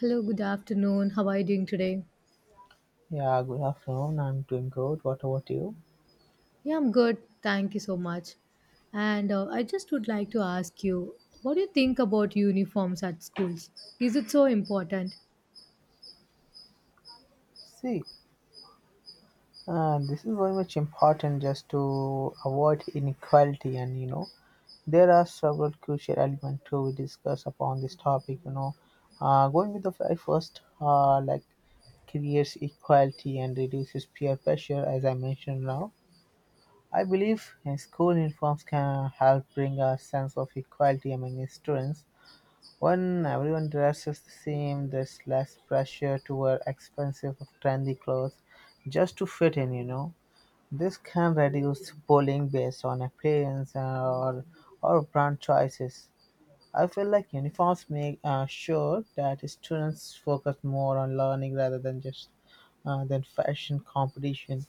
Hello, good afternoon. How are you doing today? Yeah, good afternoon. I'm doing good. What about you? Yeah, I'm good. Thank you so much. And I just would like to ask you, what do you think about uniforms at schools? Is it so important? See, this is very much important just to avoid inequality, and you know, there are several crucial elements to discuss upon this topic. You know, going with the very first, like creates equality and reduces peer pressure, as I mentioned now. I believe school uniforms can help bring a sense of equality among the students. When everyone dresses the same, there's less pressure to wear expensive or trendy clothes just to fit in, you know. This can reduce bullying based on appearance or brand choices. I feel like uniforms make sure that students focus more on learning rather than just than fashion competition.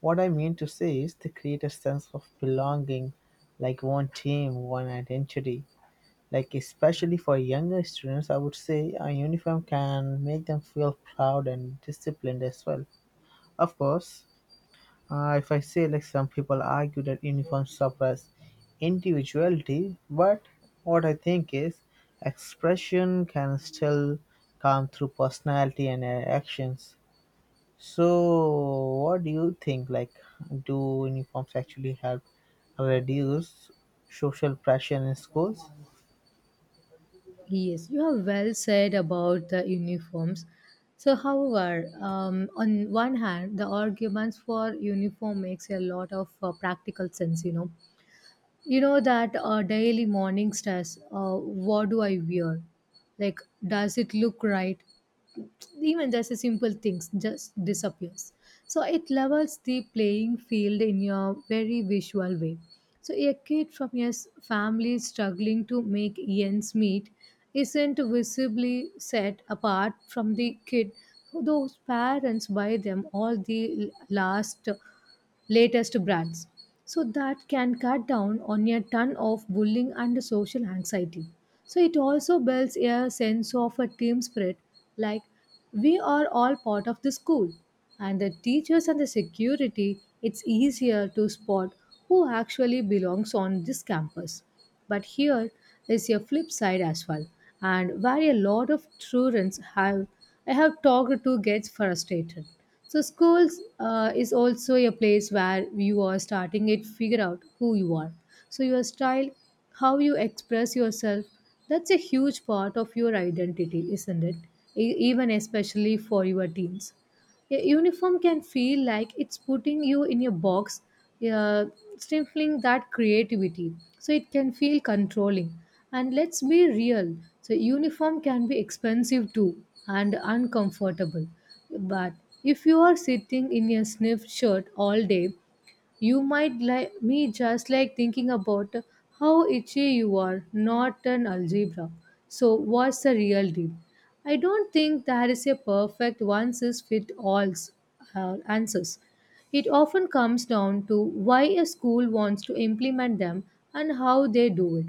What I mean to say is they create a sense of belonging, like one team, one identity, like especially for younger students, I would say a uniform can make them feel proud and disciplined as well. Of course, if I say, like, some people argue that uniforms suppress individuality, but what I think is expression can still come through personality and actions. So what do you think, like, do uniforms actually help reduce social pressure in schools? Yes, you have well said about the uniforms. So, however, on one hand, the arguments for uniform makes a lot of practical sense, you know that daily morning stress, what do I wear, like, does it look right, even just a simple things just disappears. So it levels the playing field in a very visual way. So a kid from a family struggling to make ends meet isn't visibly set apart from the kid whose parents buy them all the last latest brands. So that can cut down on a ton of bullying and social anxiety. So it also builds a sense of a team spirit, like, we are all part of the school. And the teachers and the security, it's easier to spot who actually belongs on this campus. But here is a flip side as well, and where a lot of students have I have talked to gets frustrated. So schools is also a place where you are starting to figure out who you are. So your style, how you express yourself, that's a huge part of your identity, isn't it? Even especially for your teens. A uniform can feel like it's putting you in a box, uh, stifling that creativity. So it can feel controlling. And let's be real. So uniform can be expensive too and uncomfortable. But if you are sitting in a sniff shirt all day, you might, like me, just like thinking about how itchy you are, not an algebra. So, what's the real deal? I don't think there is a perfect one size fit all answers. It often comes down to why a school wants to implement them and how they do it.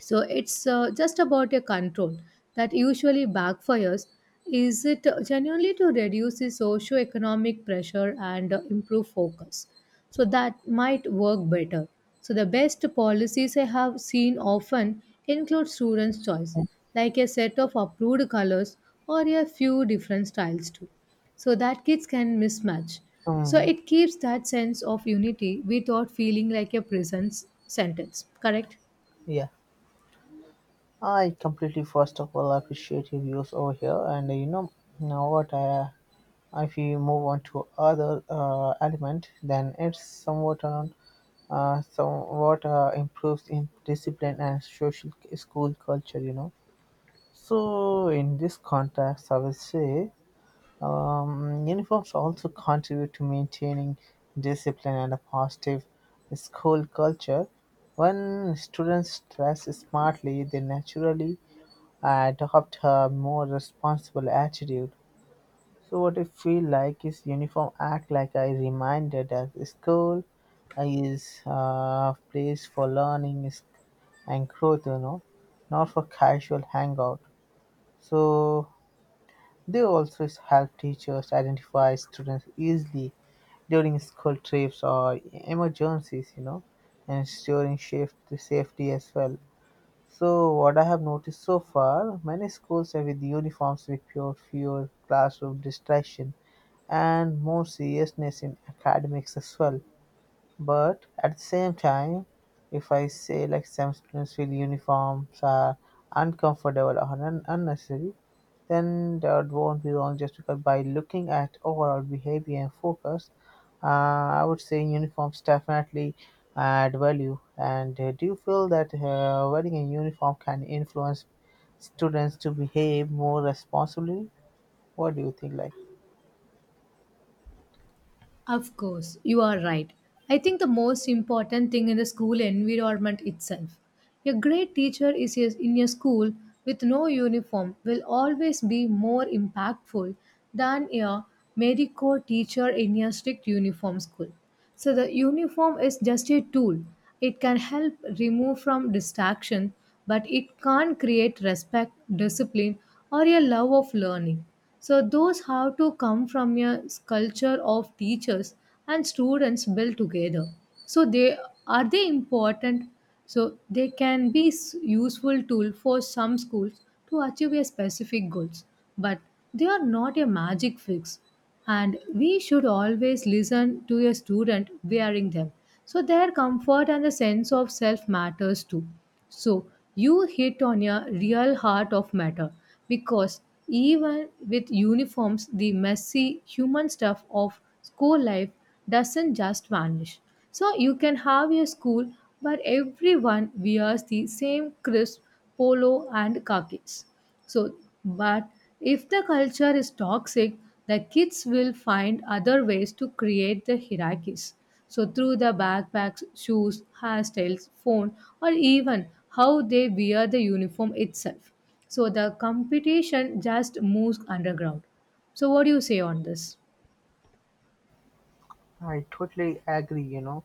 So it's just about a control that usually backfires. Is it genuinely to reduce the socio-economic pressure and improve focus? So that might work better. So the best policies I have seen often include students' choice, like a set of approved colors or a few different styles too, so that kids can mismatch. So Hmm. it keeps that sense of unity without feeling like a prison sentence. Correct? Yeah, I completely, first of all, appreciate your views over here, and you know, now what I, if we move on to other element, then it's somewhat improves in discipline and social school culture. You know, so in this context, I would say uniforms also contribute to maintaining discipline and a positive school culture. When students dress smartly, they naturally and adopt a more responsible attitude. So what I feel like is uniform act like I reminded that school is a place for and growth, you know, not for casual hangout. So they also help teachers identify students easily during school trips or emergencies, you know, and ensuring shift safety as well. So what I have noticed so far, many schools have with uniforms with pure fewer classroom distraction and more seriousness in academics as well. But at the same time, if I say, like, some students feel uniforms are unnecessary, then that won't be wrong, just because by looking at overall behavior and focus, uh, I would say uniforms definitely add value. And do you feel that wearing a uniform can influence students to behave more responsibly? What do you think? Like, Of course, you are right. I think the most important thing in the school environment itself. A great teacher is in a school with no uniform will always be more impactful than a mediocre teacher in a strict uniform school. So the uniform is just a tool. It can help remove from distraction, but it can't create respect, discipline, or a love of learning. So those have to come from a culture of teachers and students built together. So they are they important. So they can be useful tool for some schools to achieve a specific goals, but they are not a magic fix and we should always listen to a student wearing them, so their comfort and the sense of self matters too. So you hit on a real heart of matter, because even with uniforms the messy human stuff of school life doesn't just vanish. So you can have a school where everyone wears the same crisp polo and khakis, so, but if the culture is toxic, the kids will find other ways to create the hierarchies. So, through the backpacks, shoes, hairstyles, phone, or even how they wear the uniform itself. So, the competition just moves underground. So, what do you say on this? I totally agree, you know,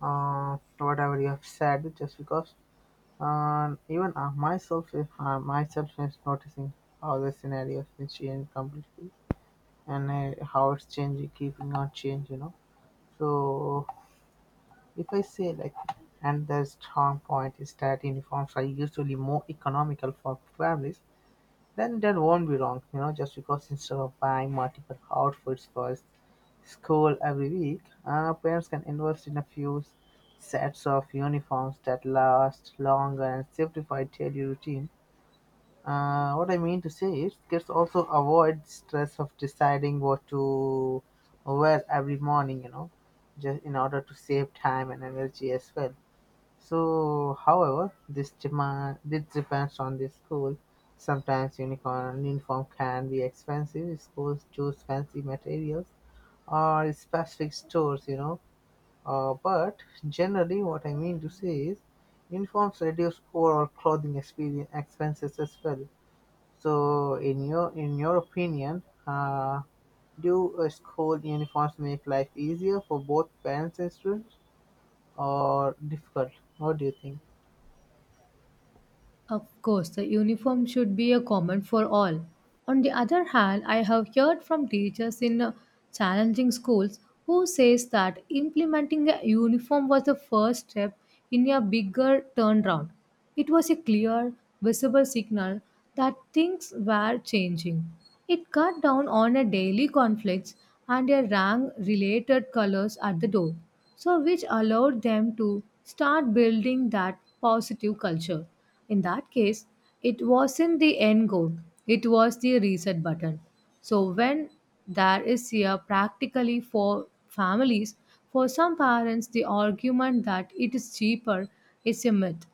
whatever you have said, just because. And even myself, if myself is noticing how the scenarios will change completely and how it's changing, keeping on change, you know. So if I say like, and the strong point is that uniforms are usually more economical for families, then that won't be wrong, you know, just because instead of buying multiple outfits for school every week, parents can invest in a few sets of uniforms that last longer and simplify daily routine. What I mean to say is, kids also avoid stress of deciding what to wear every morning, you know, just in order to save time and energy as well. So, however, this depends on the school. Sometimes unicorn uniform can be expensive. If schools choose fancy materials or specific stores, you know. But generally, what I mean to say is, uniforms reduce overall clothing experience expenses as well. So, in your opinion, do school uniforms make life easier for both parents and students, or difficult? What do you think? Of course, the uniform should be a common for all. On the other hand, I have heard from teachers in challenging schools who says that implementing a uniform was the first step in a bigger turnaround. It was a clear, visible signal that things were changing. It cut down on a daily conflicts and a rank related colors at the door, so which allowed them to start building that positive culture. In that case, it wasn't the end goal, it was the reset button. So when there is here practically for families, for some parents the argument that it is cheaper is a myth.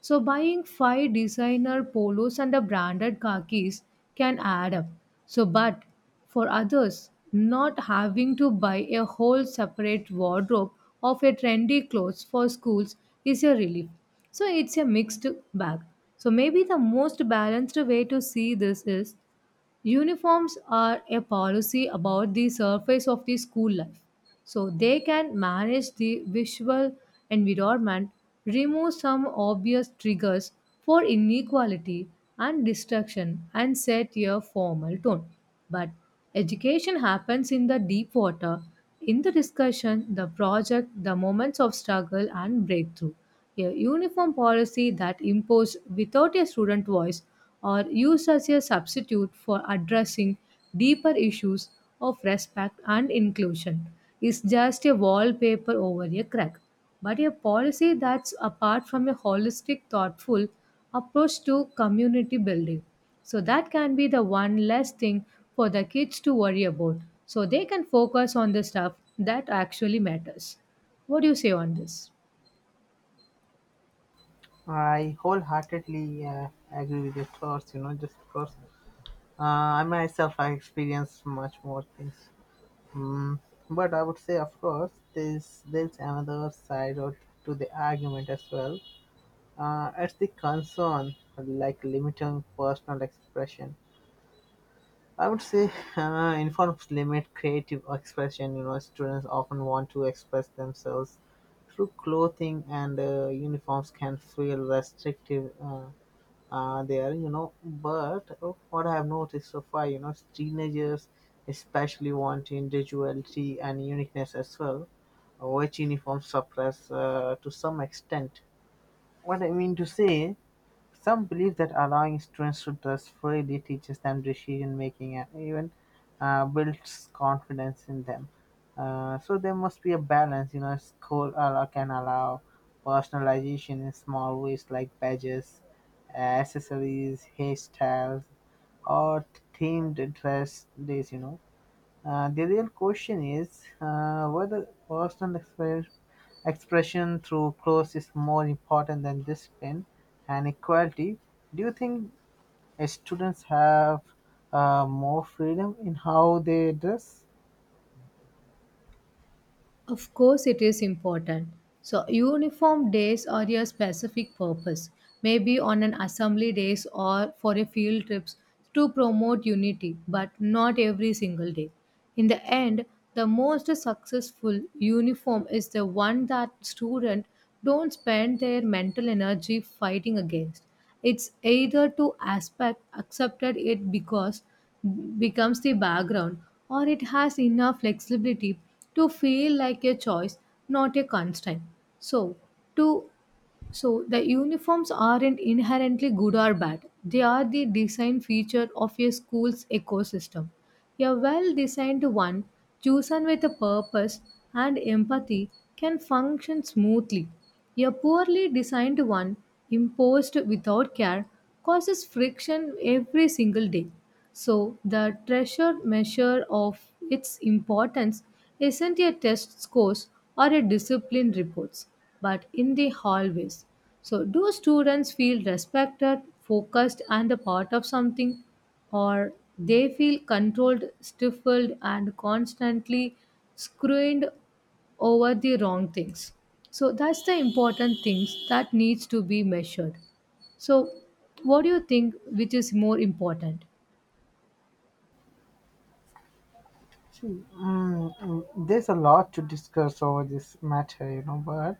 So buying five designer polos and a branded khakis can add up. So but for others, not having to buy a whole separate wardrobe of a trendy clothes for schools is a relief. So it's a mixed bag. So maybe the most balanced way to see this is uniforms are a policy about the surface of the school life. So they can manage the visual environment, remove some obvious triggers for inequality and distraction, and set a formal tone. But education happens in the deep water, in the discussion, the project, the moments of struggle and breakthrough. A uniform policy that imposed without a student voice or used as a substitute for addressing deeper issues of respect and inclusion is just a wallpaper over a crack, but a policy that's apart from a holistic, thoughtful approach to community building. So that can be the one less thing for the kids to worry about. So they can focus on the stuff that actually matters. What do you say on this? I wholeheartedly agree with your thoughts. You know, just because I myself I experience much more things. Mm, but I would say, of course, there's another side to the argument as well. It's the concern, like limiting personal expression. I would say informs limit creative expression. You know, students often want to express themselves through clothing, and uniforms can feel restrictive there. You know, but what I have noticed so far, you know, teenagers especially want individuality and uniqueness as well, which uniforms suppress to some extent. What I mean to say, some believe that allowing students to dress freely teaches them decision-making and even builds confidence in them. So there must be a balance. You know, can allow personalization in small ways like badges, accessories, hairstyles, or themed dress days. You know, the real question is whether expression through clothes is more important than discipline and equality. Do you think students have more freedom in how they dress? Of course, it is important. So, uniform days are your specific purpose, maybe on an assembly days or for a field trips to promote unity, but not every single day. In the end, the most successful uniform is the one that students don't spend their mental energy fighting against. It's either to aspect accepted it because becomes the background, or it has enough flexibility to feel like a choice, not a constraint. So to so the uniforms aren't inherently good or bad. They are the design feature of a school's ecosystem. A well-designed one, chosen with a purpose and empathy, can function smoothly. A poorly designed one, imposed without care, causes friction every single day. So the treasure measure of its importance isn't a test scores or a discipline reports, but in the hallways. So, do students feel respected, focused, and a part of something, or they feel controlled, stifled, and constantly screwed over the wrong things? So, that's the important things that needs to be measured. So, what do you think which is more important? See, there's a lot to discuss over this matter, you know, but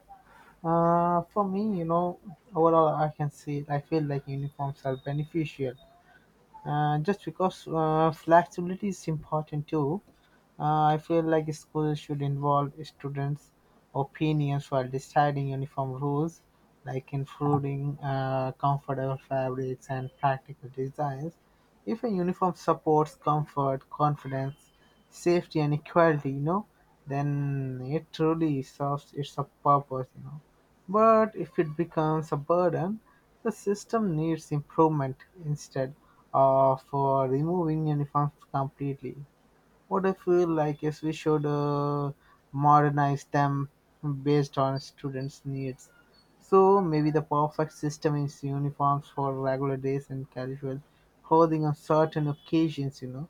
for me, you know, overall, I can say I feel like uniforms are beneficial. Just because flexibility is important too, I feel like schools should involve students' opinions while deciding uniform rules, like including comfortable fabrics and practical designs. If a uniform supports comfort, confidence, safety, and equality, you know, then it truly serves its purpose, you know. But if it becomes a burden, the system needs improvement instead of for removing uniforms completely. What I feel like is we should modernize them based on students' needs. So maybe the perfect system is uniforms for regular days and casual clothing on certain occasions. You know,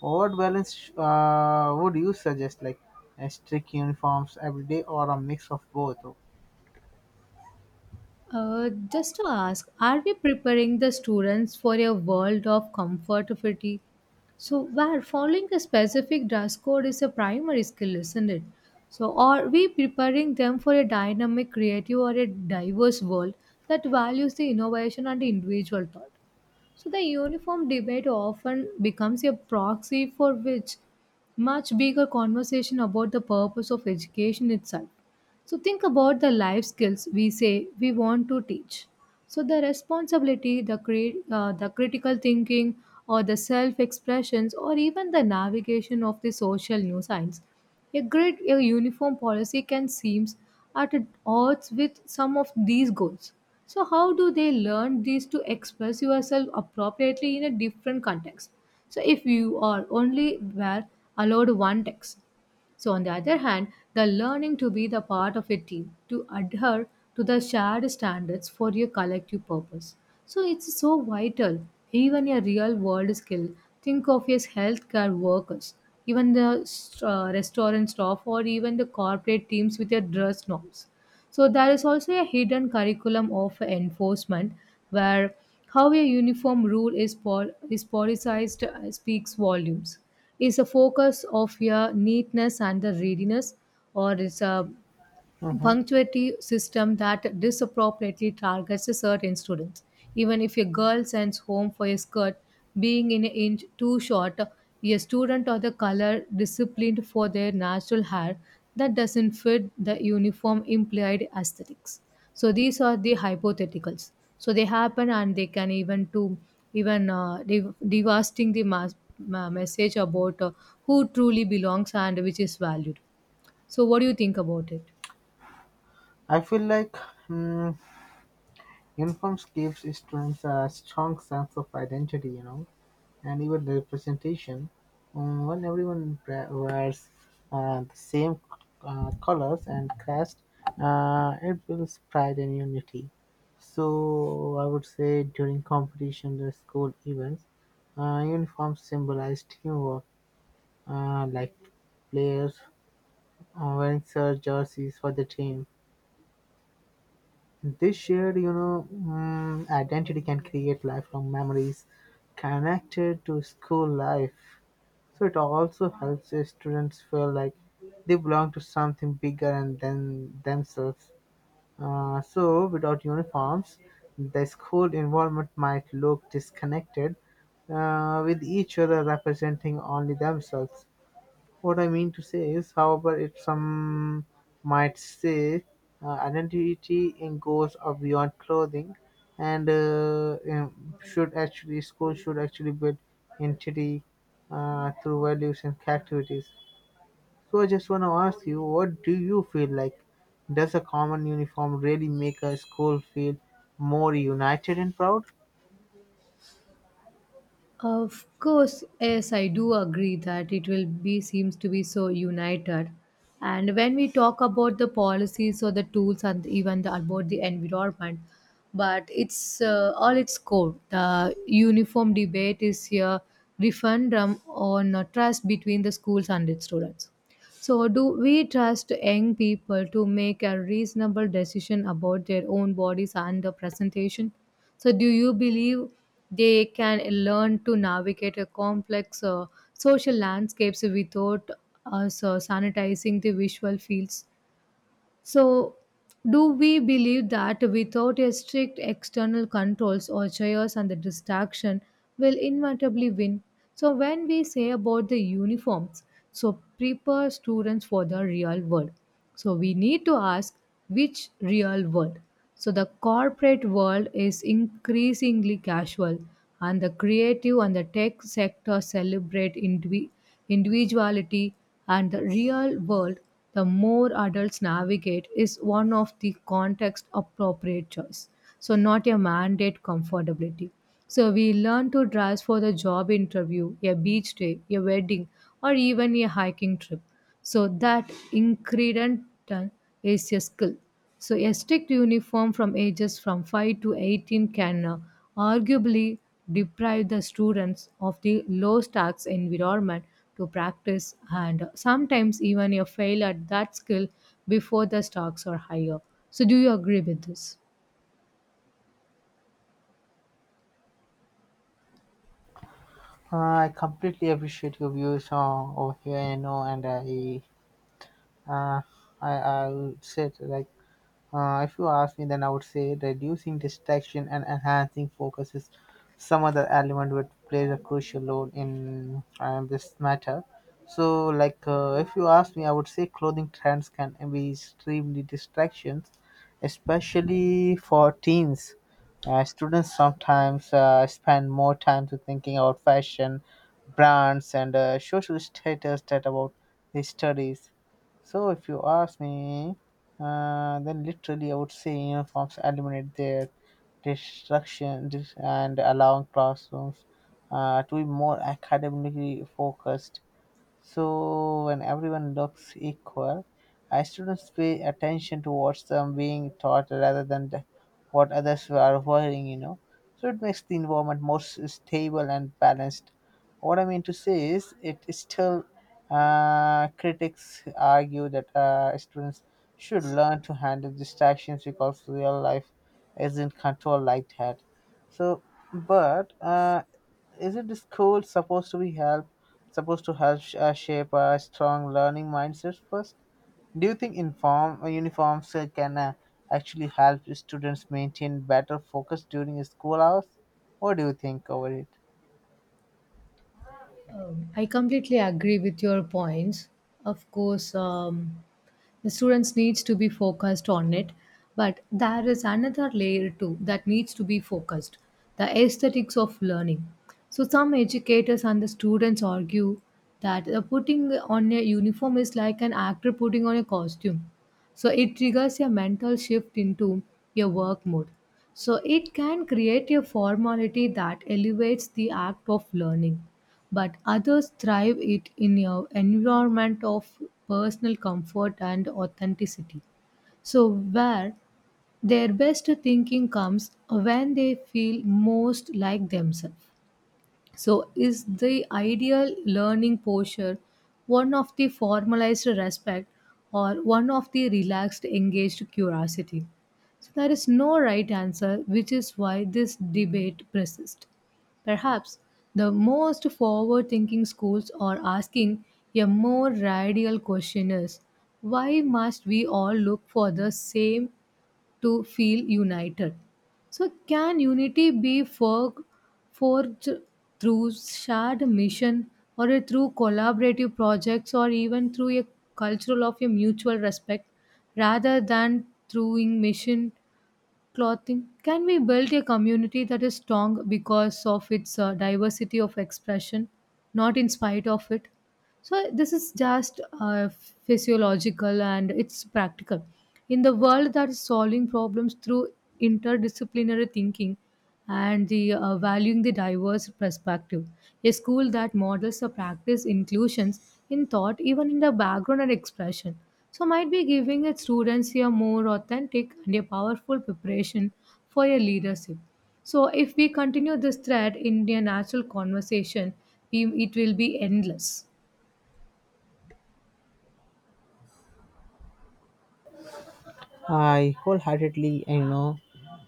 what balance would you suggest? Like a strict uniforms every day or a mix of both? Just to ask, are we preparing the students for a world of comfort fatigue? So, where following a specific dress code is a primary skill, isn't it? So, are we preparing them for a dynamic, creative, or a diverse world that values the innovation and individual thought? So, the uniform debate often becomes a proxy for which much bigger conversation about the purpose of education itself. So think about the life skills we say we want to teach. So the responsibility, the the critical thinking, or the self expressions, or even the navigation of the social new science. A grid, a uniform policy can seem at odds with some of these goals. So how do they learn these to express yourself appropriately in a different context? So if you are only were allowed one text, so, on the other hand, the learning to be the part of a team, to adhere to the shared standards for your collective purpose. So, it's so vital, even a real world skill. Think of as healthcare workers, even the restaurant staff, or even the corporate teams with their dress norms. So there is also a hidden curriculum of enforcement where how a uniform rule is, is politicized speaks volumes. Is a focus of your neatness and the readiness, or is a Hmm. punctuality system that disproportionately targets certain students. Even if a girl sends home for a skirt being an inch too short, a student of the color disciplined for their natural hair that doesn't fit the uniform implied aesthetics. So these are the hypotheticals. So they happen and they can even to even devastating the message about who truly belongs and which is valued. So what do you think about it? I feel like, mm, uniforms gives students a strong sense of identity. You know, and even representation, when everyone wears the same colors and crest, it builds pride and unity. So I would say during competition, the school events, uniforms symbolize teamwork, like players wearing serge jerseys for the team. This shared identity can create lifelong memories connected to school life. So it also helps the students feel like they belong to something bigger and than themselves. So without uniforms, the school environment might look disconnected, with each other representing only themselves. What I mean to say is, however, it some might say, identity in goes of beyond clothing, and should actually school should actually build identity through values and activities. So I just want to ask you, what do you feel like? Does a common uniform really make a school feel more united and proud? Of course, yes, I do agree that it will be seems to be so united. And when we talk about the policies or the tools and even the, about the environment, but it's all its core. The uniform debate is here referendum on trust between the schools and its students. So, do we trust young people to make a reasonable decision about their own bodies and the presentation? So, do you believe they can learn to navigate a complex social landscapes without us sanitizing the visual fields? So, do we believe that without a strict external controls or chaos and the distraction will inevitably win? So, when we say about the uniforms, so prepare students for the real world. So, we need to ask which real world? So, the corporate world is increasingly casual, and the creative and the tech sector celebrate individuality, and the real world the more adults navigate is one of the context appropriate choice. So, not a mandate comfortability. So, we learn to dress for the job interview, a beach day, a wedding, or even a hiking trip. So, that increment is a skill. So, a strict uniform from ages from 5 to 18 can arguably deprive the students of the low stakes environment to practice and sometimes even a fail at that skill before the stakes are higher. So, do you agree with this? I completely appreciate your views over here, you know, and Uh, I would say like, if you ask me, then I would say reducing distraction and enhancing focus is some other element which plays a crucial role in this matter. So, like, if you ask me, I would say clothing trends can be extremely distractions, especially for teens. Students sometimes spend more time to thinking about fashion, brands, and social status that about their studies. So, if you ask me, then literally I would say uniforms eliminate their distractions and allowing classrooms to be more academically focused. So when everyone looks equal, students pay attention to what's being taught rather than what others are wearing, you know. So it makes the environment more stable and balanced. What I mean to say is, it still critics argue that students should learn to handle distractions because real life isn't controlled like that. So, but isn't the school supposed to help shape a strong learning mindset first? Do you think inform uniforms can actually help students maintain better focus during school hours? What do you think over it? I completely agree with your points. Of course, the students needs to be focused on it, but there is another layer too that needs to be focused: the aesthetics of learning. So some educators and the students argue that putting on a uniform is like an actor putting on a costume. So it triggers a mental shift into your work mode. So it can create a formality that elevates the act of learning, but others thrive it in an environment of personal comfort and authenticity. So, where their best thinking comes when they feel most like themselves. So, is the ideal learning posture one of the formalized respect or one of the relaxed, engaged curiosity? So, there is no right answer, which is why this debate persists. Perhaps the most forward thinking schools are asking a more radical question is why must we all look for the same to feel united. So, can unity be forged through shared mission or a through collaborative projects or even through a cultural of a mutual respect rather than through in mission clothing? Can we build a community that is strong because of its diversity of expression, not in spite of it? So, this is just physiological and it's practical. In the world that is solving problems through interdisciplinary thinking, and the valuing the diverse perspective. A school that models the practice inclusions in thought, even in the background and expression. So might be giving its students a more authentic and a powerful preparation for a leadership. So if we continue this thread in a natural conversation, we, it will be endless. I wholeheartedly, you know,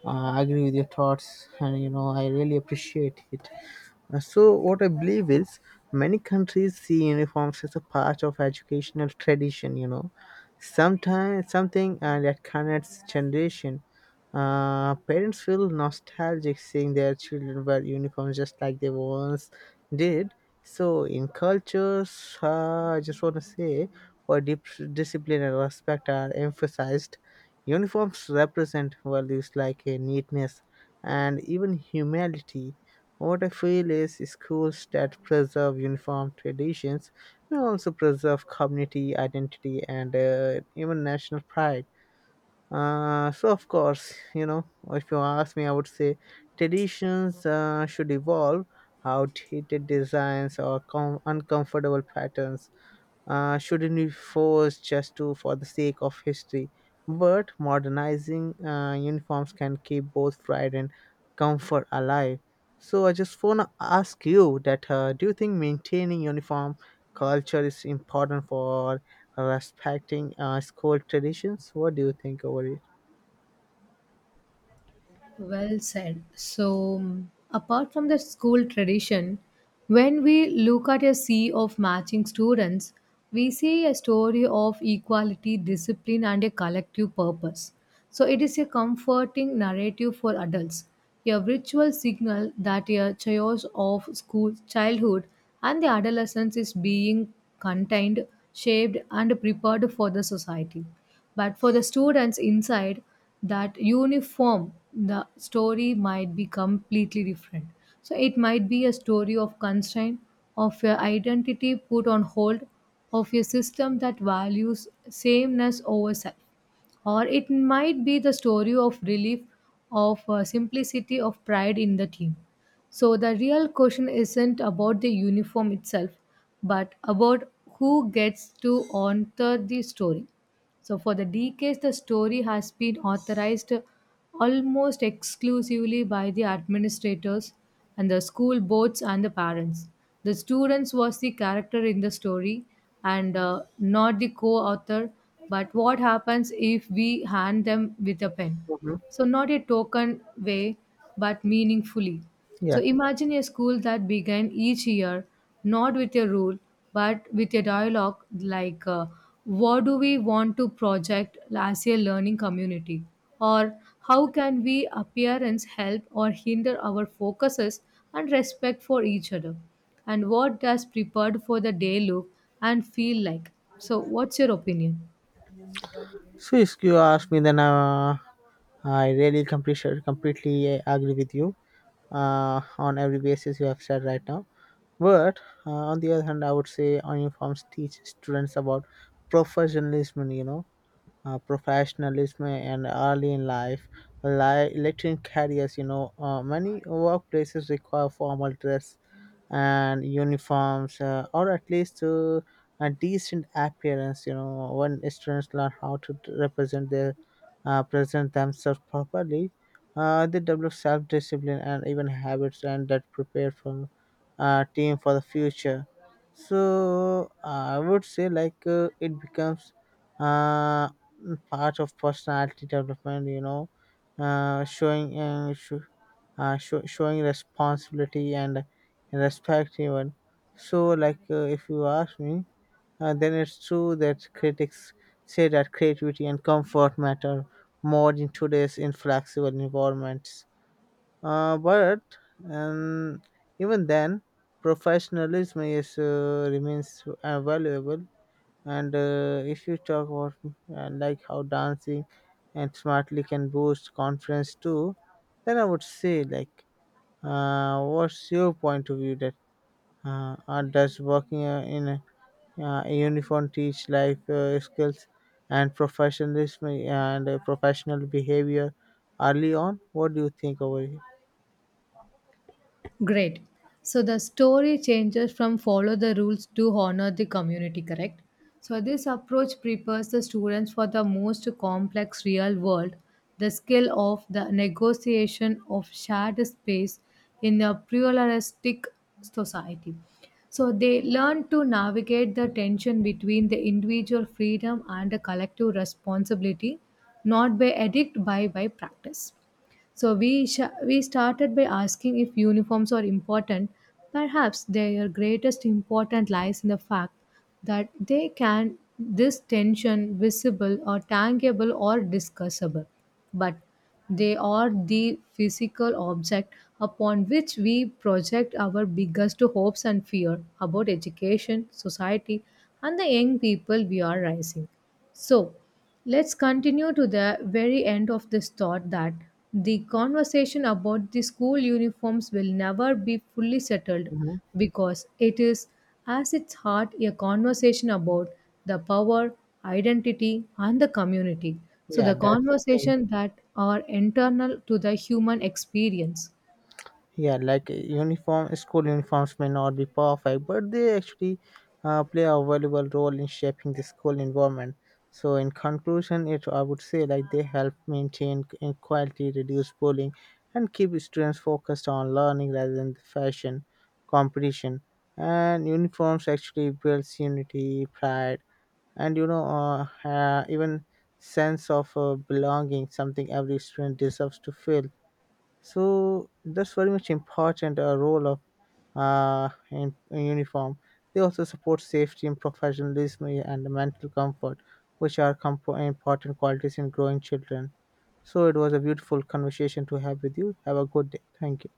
agree with your thoughts, and you know, I really appreciate it. So, what I believe is, many countries see uniforms as a part of educational tradition. You know, sometimes something that connects generation. Parents feel nostalgic seeing their children wear uniforms just like they once did. So, in cultures, I just want to say, where discipline and respect are emphasized, uniforms represent values like neatness and even humility. What I feel is schools that preserve uniform traditions may also preserve community identity and even national pride. So, of course, you know, if you ask me, I would say traditions should evolve. Outdated designs or uncomfortable patterns shouldn't be forced just to for the sake of history. But modernizing uniforms can keep both pride and comfort alive. So I just wanna ask you that do you think maintaining uniform culture is important for respecting school traditions? What do you think over it? Well said. So, apart from the school tradition, when we look at a sea of matching students, we see a story of equality, discipline, and a collective purpose. So, it is a comforting narrative for adults, a ritual signal that a chaos of school childhood and the adolescence is being contained, shaped, and prepared for the society. But for the students inside that uniform, the story might be completely different. So it might be a story of constraint, of your identity put on hold, of a system that values sameness over self. Or it might be the story of relief, of simplicity, of pride in the team. So the real question isn't about the uniform itself, but about who gets to author the story. So, for the decades, the story has been authorized almost exclusively by the administrators and the school boards and the parents. The students was the character in the story and not the co-author. But what happens if we hand them with a pen? Mhm. So, not a token way, but meaningfully. So, Yeah. imagine a school that began each year not with a rule, but with a dialogue like, what do we want to project as a learning community? Or how can we appearance help or hinder our focuses and respect for each other? And what does prepared for the day look and feel like? So, what's your opinion? So if you ask me, then I really completely agree with you on every basis you have said right now. But on the other hand, I would say uniforms teach students about professionalism. You know, professionalism and early in life, like lecturing careers. You know, many workplaces require formal dress and uniforms, or at least a decent appearance. You know, when students learn how to t- represent their present themselves properly, they develop self-discipline and even habits, and that prepare for team for the future. So I would say like, it becomes uh, part of personality development. You know, showing sho sho showing responsibility and respect even. So like, if you ask me, then it's true that critics say that creativity and comfort matter more in today's inflexible environments. But um, even then, professionalism is remains valuable. And if you talk about like how dancing and smartly can boost confidence too, then I would say like, what's your point of view that or does working in a uniform teach life skills and professionalism and professional behavior early on? What do you think over here? Great. So the story changes from follow the rules to honor the community, correct? So this approach prepares the students for the most complex real world, the skill of the negotiation of shared space in a pluralistic society. So they learn to navigate the tension between the individual freedom and the collective responsibility, not by edict by practice. So we started by asking if uniforms are important. Perhaps their greatest importance lies in the fact that they can this tension visible or tangible or discussable, but they are the physical object upon which we project our biggest hopes and fear about education society and the young people we are raising. So let's continue to the very end of this thought that the conversation about the school uniforms will never be fully settled Mhm. because it is, as its heart, a conversation about the power, identity, and the community. So Yeah, the that's the thing. conversation that are internal to the human experience. Yeah, like, uniform school uniforms may not be perfect, but they actually play a valuable role in shaping the school environment. So in conclusion, it I would say like they help maintain equality, reduce bullying, and keep students focused on learning rather than the fashion competition. And uniforms actually builds unity, pride, and you know, even sense of belonging, something every student deserves to feel. So that's very much important role of in uniform. They also support safety and professionalism, yeah, and mental comfort, which are important qualities in growing children. So it was a beautiful conversation to have with you. Have a good day. Thank you.